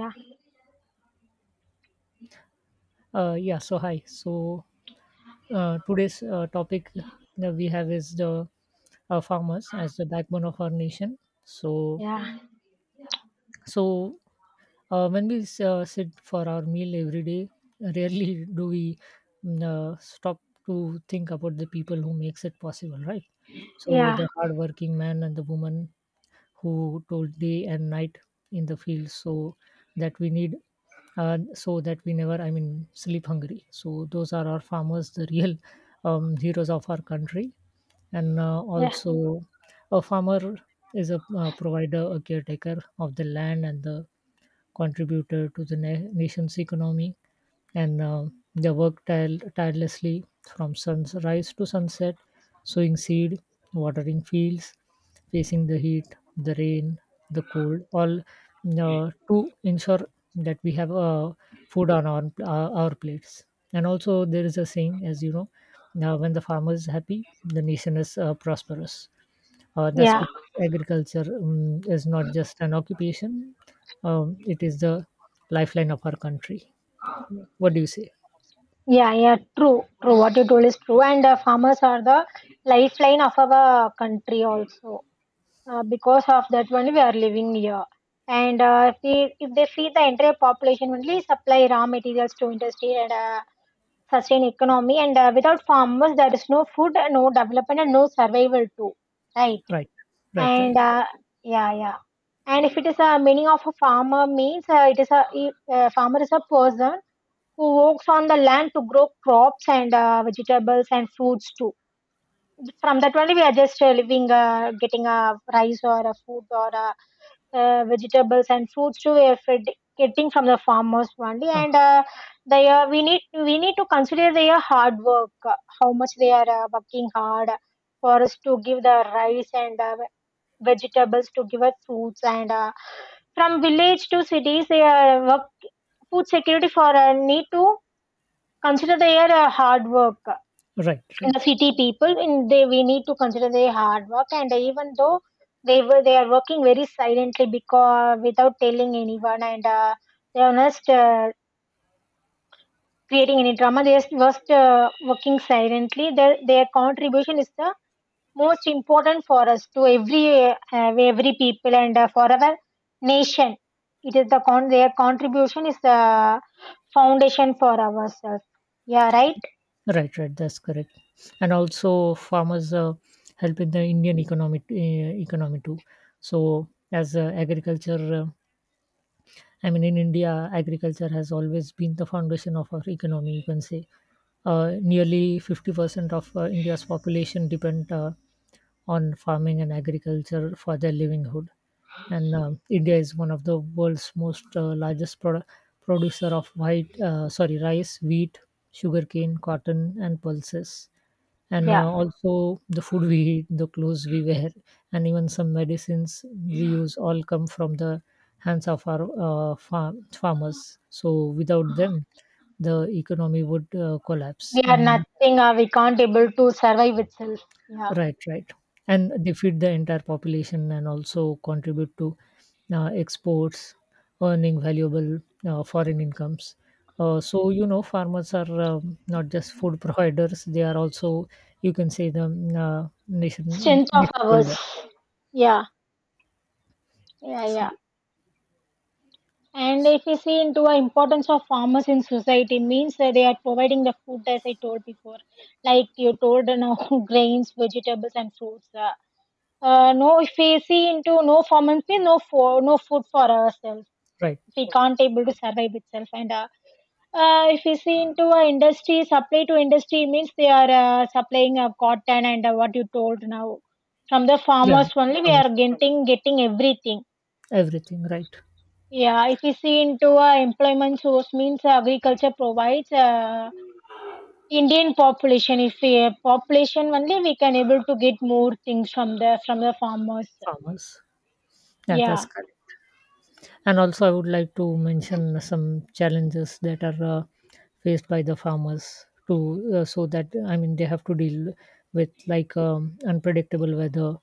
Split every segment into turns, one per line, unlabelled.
Yeah,
Yeah, so hi. Today's topic that we have is the farmers as the backbone of our nation. So
yeah,
so when we sit for our meal every day, rarely do we stop to think about the people who makes it possible, right? So
yeah,
the hardworking man and the woman who told day and night in the field, so that we need, so that we never, I mean, sleep hungry. So those are our farmers, the real heroes of our country, and
yeah,
also a farmer is a provider, a caretaker of the land and the contributed to the nation's economy, and they worked tirelessly from sunrise to sunset, sowing seed, watering fields, facing the heat, the rain, the cold, all to ensure that we have food on our plates. And also, there is a saying, as you know, now when the farmer is happy, the nation is prosperous. That's
yeah,
because agriculture is not just an occupation, it is the lifeline of our country. What do you say?
yeah, yeah. True, true. What you told is true. And farmers are the lifeline of our country also. Because of that only we are living here. And if they feed the entire population only, supply raw materials to industry and sustain economy. And without farmers, there is no food, no development, and no survival too. Right.
Right, right,
and
right.
yeah, yeah, and if it is a meaning of a farmer means, it is a farmer is a person who works on the land to grow crops and vegetables and fruits too. From that only we are just living, getting a rice or a food or vegetables and fruits too we are fed, getting from the farmers only.
Farm.
And they we need to consider their hard work, how much they are working hard for us to give the rice and vegetables to give us foods. And from village to cities they work food security for, need to consider their hard work
Right,
in
right,
the city people in they, we need to consider their hard work, and even though they are working very silently, because without telling anyone. And they are not creating any drama, they are just working silently. Their contribution is the most important for us, to every people and for our nation. It is their contribution is the foundation for ourselves. Yeah, right.
right, right. That's correct. And also, farmers help in the Indian economy, economy too. So, as uh, agriculture, uh, I mean, in India, agriculture has always been the foundation of our economy, you can say nearly 50% of India's population depend on farming and agriculture for their livelihood. And India is one of the world's most largest producer of rice, wheat, sugarcane, cotton, and pulses. And
Yeah. Mm.
also the food we eat, the clothes we wear, and even some medicines we use all come from the hands of our farmers. So without them, the economy would collapse.
We are
And
nothing, we can't able to survive itself. Yeah.
right, right. And they feed the entire population and also contribute to exports, earning valuable foreign incomes. So, you know, farmers are not just food providers, they are also, you can say, the
Strength of
nation
ours.
builder.
Yeah, yeah,
So,
yeah, and if we see into the importance of farmers in society means that they are providing the food, as I told before, like you told, you know, grains, vegetables, and fruits. No, if we see into no performance means no for, no food for ourselves.
right.
We can't able to survive itself. And if we see into industry supply to industry means they are supplying cotton and what you told now. From the
Yeah.
farmers only we
Farmers.
are getting everything.
Everything, right.
Yeah. If we see into employment source means, agriculture provides, indian population, if we population only we can able to get more things from the farmers.
Farmers. Yeah,
Yeah,
that's correct. And also, I would like to mention some challenges that are faced by the farmers to so that I mean they have to deal with like unpredictable weather,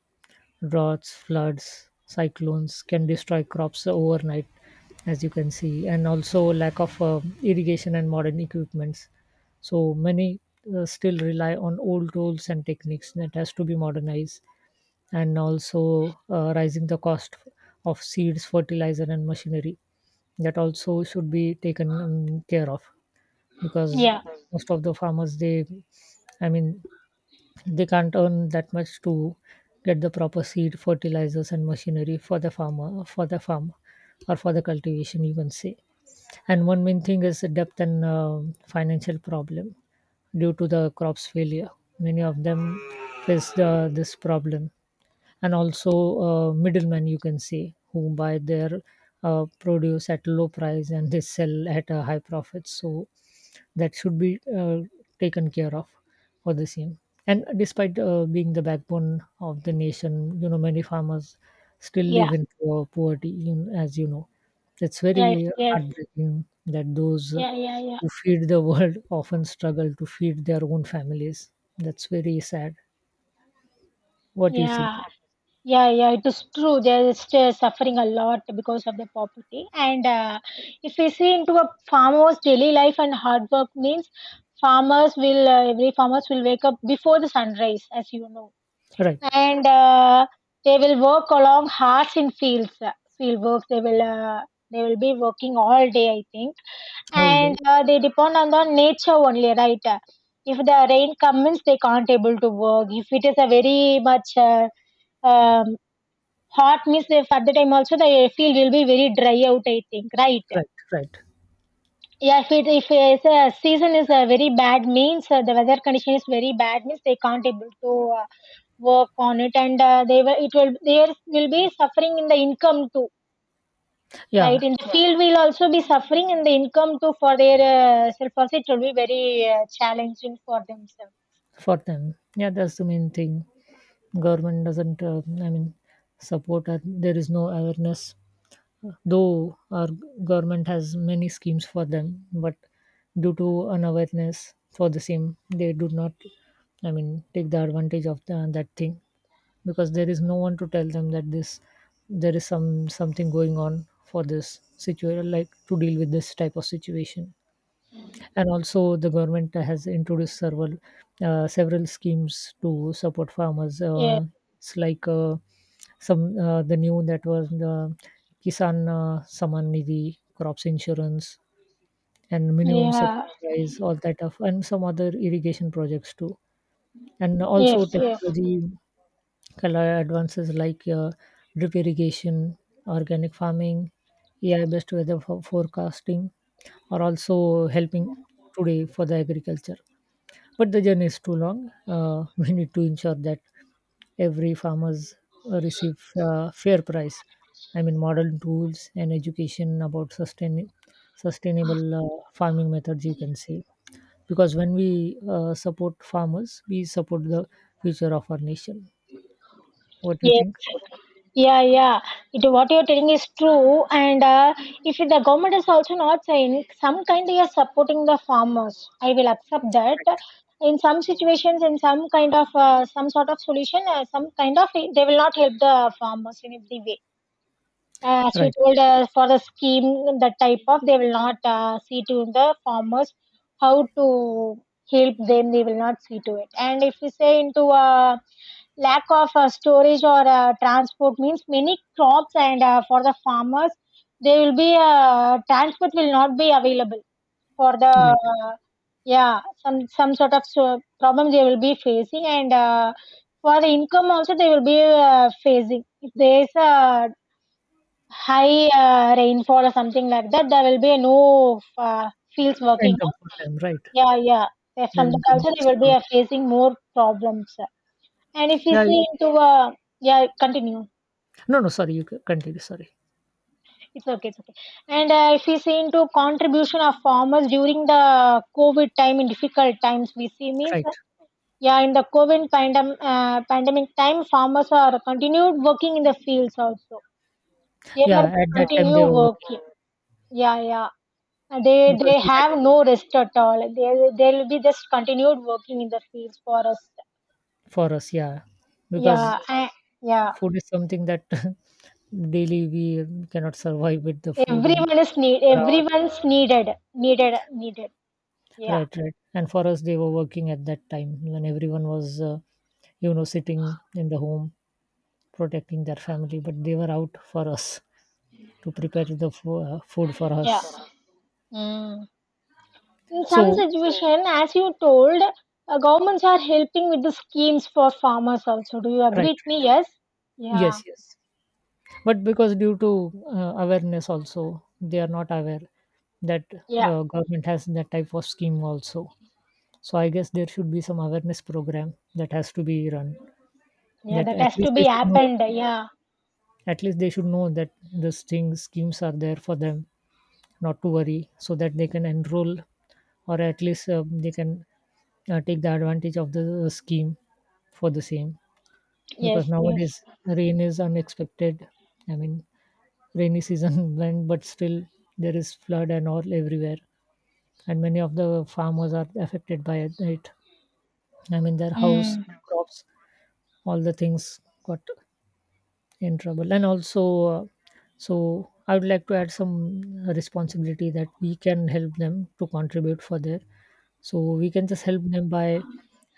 droughts, floods, cyclones can destroy crops overnight, as you can see, and also lack of irrigation and modern equipments. So many still rely on old tools and techniques that has to be modernized, and also rising the cost of seeds, fertilizer, and machinery that also should be taken care of because
yeah,
most of the farmers they I mean they can't earn that much to get the proper seed fertilizers and machinery for the farm or for the cultivation, you can say. And one main thing is the depth and financial problem due to the crops failure. Many of them face this problem, and also middlemen, you can say, who buy their produce at low price and they sell at a high profit, so that should be taken care of for the same. And despite being the backbone of the nation, you know, many farmers still
yeah.
live in poor poverty, as you know. It's
Yes,
very
yes,
heartbreaking that those
yeah, yeah, yeah,
who feed the world often struggle to feed their own families. That's very sad. What do you think?
yeah, yeah, yeah. It is true. They are still suffering a lot because of the poverty. And if we see into a farmer's daily life and hard work means, farmers will, every farmers will wake up before the sunrise, as you know.
Right.
And they will work along hard in fields, field work. They will, they will be working all day, I think,
Whole
and
day.
they depend on the nature only, right? If the rain comes they can't able to work, if it is a very much um, hot means, if at the time also the field will be very dry out, I think, right.
Right, right.
Yeah, if it's a season is a very bad means, the weather condition is very bad means they can't able to work on it. And they will, it will, they will be suffering in the income too,
Yeah,
right, in the field will also be suffering, and the income too for their self also, it will be very challenging for themselves.
for them, yeah, that's the main thing. Government doesn't I mean support, or there is no awareness, though our government has many schemes for them, but due to unawareness for the same they do not, I mean, take the advantage of that thing because there is no one to tell them that this, there is some something going on for this situation, like to deal with this type of situation. And also the government has introduced several schemes to support farmers.
Yeah,
It's like some the new that was the kisan saman nidhi, crops insurance, and minimum support
yeah.
price, all that stuff, and some other irrigation projects too. And
Yes,
also
yes,
technology kind of advances like drip irrigation, organic farming, ai based weather forecasting are also helping today for the agriculture. But the journey is too long. We need to ensure that every farmers receive fair price. I mean, modern tools and education about sustainable farming methods, you can say, because when we support farmers, we support the future of our nation. What do you
yes,
think?
yeah, yeah. It, what you're telling is true. And if the government is also not saying some kind they are supporting the farmers, I will accept that. In some situations, in some kind of, some sort of solution, some kind of, they will not help the farmers in every way, as you
Right,
told, for the scheme. The type of, they will not see to the farmers how to help them, they will not see to it. And if we say into lack of storage or transport means, many crops and for the farmers, they will be, transport will not be available for the,
right.
uh, yeah, some sort of so problem they will be facing. And for the income also they will be facing, if there is a high rainfall or something like that, there will be no fields working
Income
on.
for them, right?
Yeah, yeah.
Their
From that
income
also,
will
they will be
stop.
facing more problems. And if we
Yeah. I-
see into, yeah, continue.
No, no. Sorry, you continue. Sorry.
It's okay, it's okay. And if we see into contribution of farmers during the COVID time, in difficult times, we see means,
Right.
yeah, in the COVID pandemic time, farmers are continued working in the fields also. They are
Yeah. At that time
continue
they were working
working. Yeah, yeah. Uh, they
because
they
they had
have
to.
no rest at all, they they'll be just continued working in the fields for us.
For us, yeah, because
Yeah, I, yeah,
food is something that daily we cannot survive with the food, and
everyone is need,
for our
everyone's needed, needed, needed. Yeah,
right, right. And for us, they were working at that time when everyone was, you know, sitting in the home protecting their family, but they were out for us to prepare the food for
yeah.
us.
Mm. In some
So,
situation, as you told, governments are helping with the schemes for farmers also, do you agree
right,
with me? Yes, yeah,
yes, yes. But because due to awareness also, they are not aware that
yeah,
government has that type of scheme also. So I guess there should be some awareness program that has to be run.
yeah,
That
that has
at
to
least they
be
should know.
happened. Yeah,
At least they should know that these things schemes are there for them, not to worry, so that they can enroll or at least they can take the advantage of the scheme for the same.
yes,
Because
yes.
nowadays rain is unexpected. I mean, rainy season went, but still there is flood and all everywhere, and many of the farmers are affected by it. I mean, their house,
Mm.
their crops, all the things got in trouble. And also so I would like to add some responsibility that we can help them, to contribute for their, so we can just help them by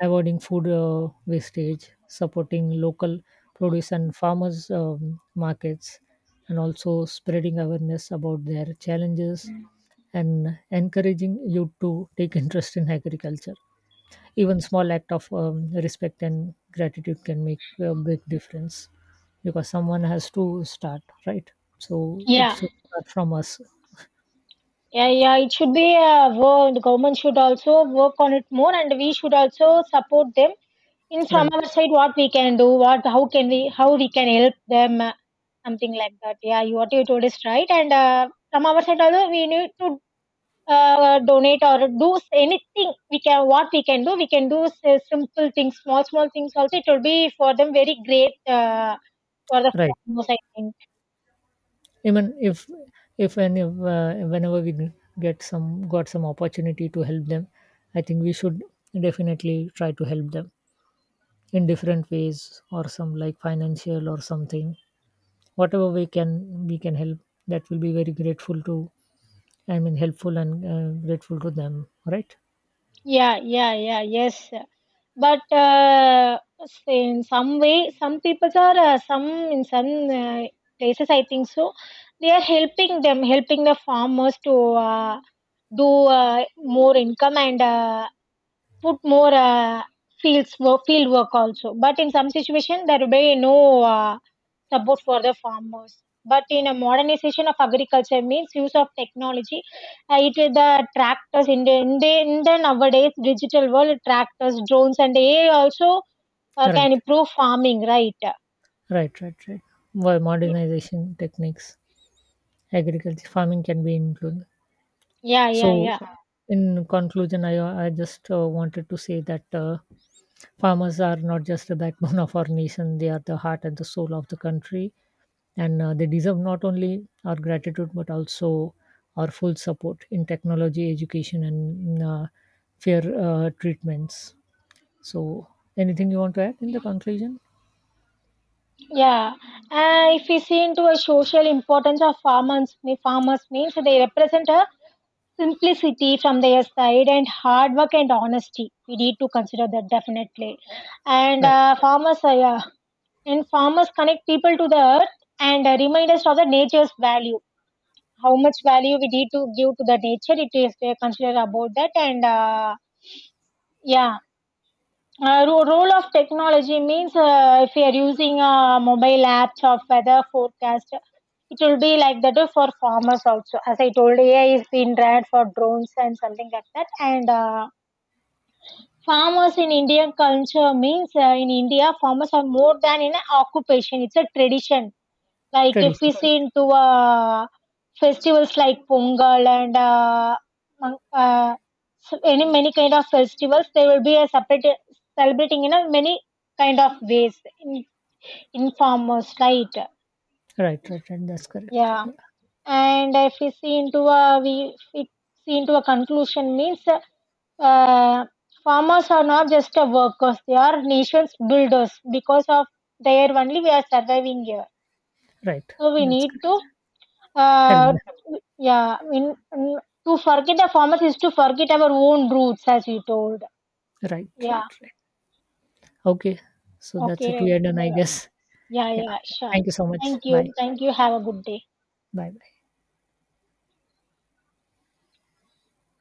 avoiding food wastage, supporting local produce and farmers markets, and also spreading awareness about their challenges and encouraging you to take interest in agriculture. Even small act of respect and gratitude can make a big difference because someone has to start, right? So it
Yeah,
should start from us.
yeah, yeah, it should be work. The government should also work on it more, and we should also support them in, from
Right,
our side. What we can do, what, how can we, how we can help them, something like that. Yeah, you, what you told is right. And from our side also we need to donate or do anything we can. What we can do simple things, small small things. Also, it will be for them very great, for the
right.
farmers, I think.
Even if any of, whenever we get some got some opportunity to help them, I think we should definitely try to help them in different ways or some like financial or something, whatever we can, we can help. That will be very grateful to, I mean, helpful and grateful to them, right?
Yeah, yeah, yeah, yes. But in some way, some people are some, in some places, I think so. They are helping them, helping the farmers to do more income and put more fields field work also. But in some situation there will be no uh, support for the farmers. But in a modernization of agriculture means, use of technology, it is the tractors, in the nowadays digital world, tractors, drones, and ai also can
Right,
improve farming, right?
right, right, right. Well, modernization techniques, agriculture, farming can be included.
Yeah, yeah,
So,
yeah,
in conclusion, I just wanted to say that farmers are not just the backbone of our nation; they are the heart and the soul of the country, and they deserve not only our gratitude but also our full support in technology, education, and in, fair treatments. So, anything you want to add in the conclusion?
yeah. If we see into a social importance of farmers farmers means, they represent a simplicity from their side and hard work and honesty, we need to consider that definitely. And
Right,
farmers, yeah, and farmers connect people to the earth. And remind us of the nature's value, how much value we need to give to the nature, it is they consider about that. And yeah, role of technology means, if you are using a mobile apps of weather forecast, it will be like that for farmers also. As I told, AI is being tried for drones and something like that. And farmers in Indian culture means, in India, farmers are more than in an occupation. It's a tradition, like if we
tradition.
see into festivals like Pongal and, mon- uh, so any many kind of festivals, they will be a separate celebrating in a many kind of ways in farmers, right?
Right, right, right. That's correct.
Yeah,
Yeah.
and if we see into a, we, if we see into a conclusion means, uh, farmers are not just a workers; they are nations builders. Because of there only we are surviving here.
Right.
So we
That's
need
correct.
to,
Help
Uh,
them.
yeah, I mean, mm, to forget the farmers is to forget our own roots, as you told.
Right,
Yeah,
right, right. Okay. So that's it.
okay.
We are done, I
Uh,
guess.
yeah,
Yeah.
yeah, sure.
Thank you so much.
Thank you.
Bye.
Thank you. Have a good day.
Bye bye.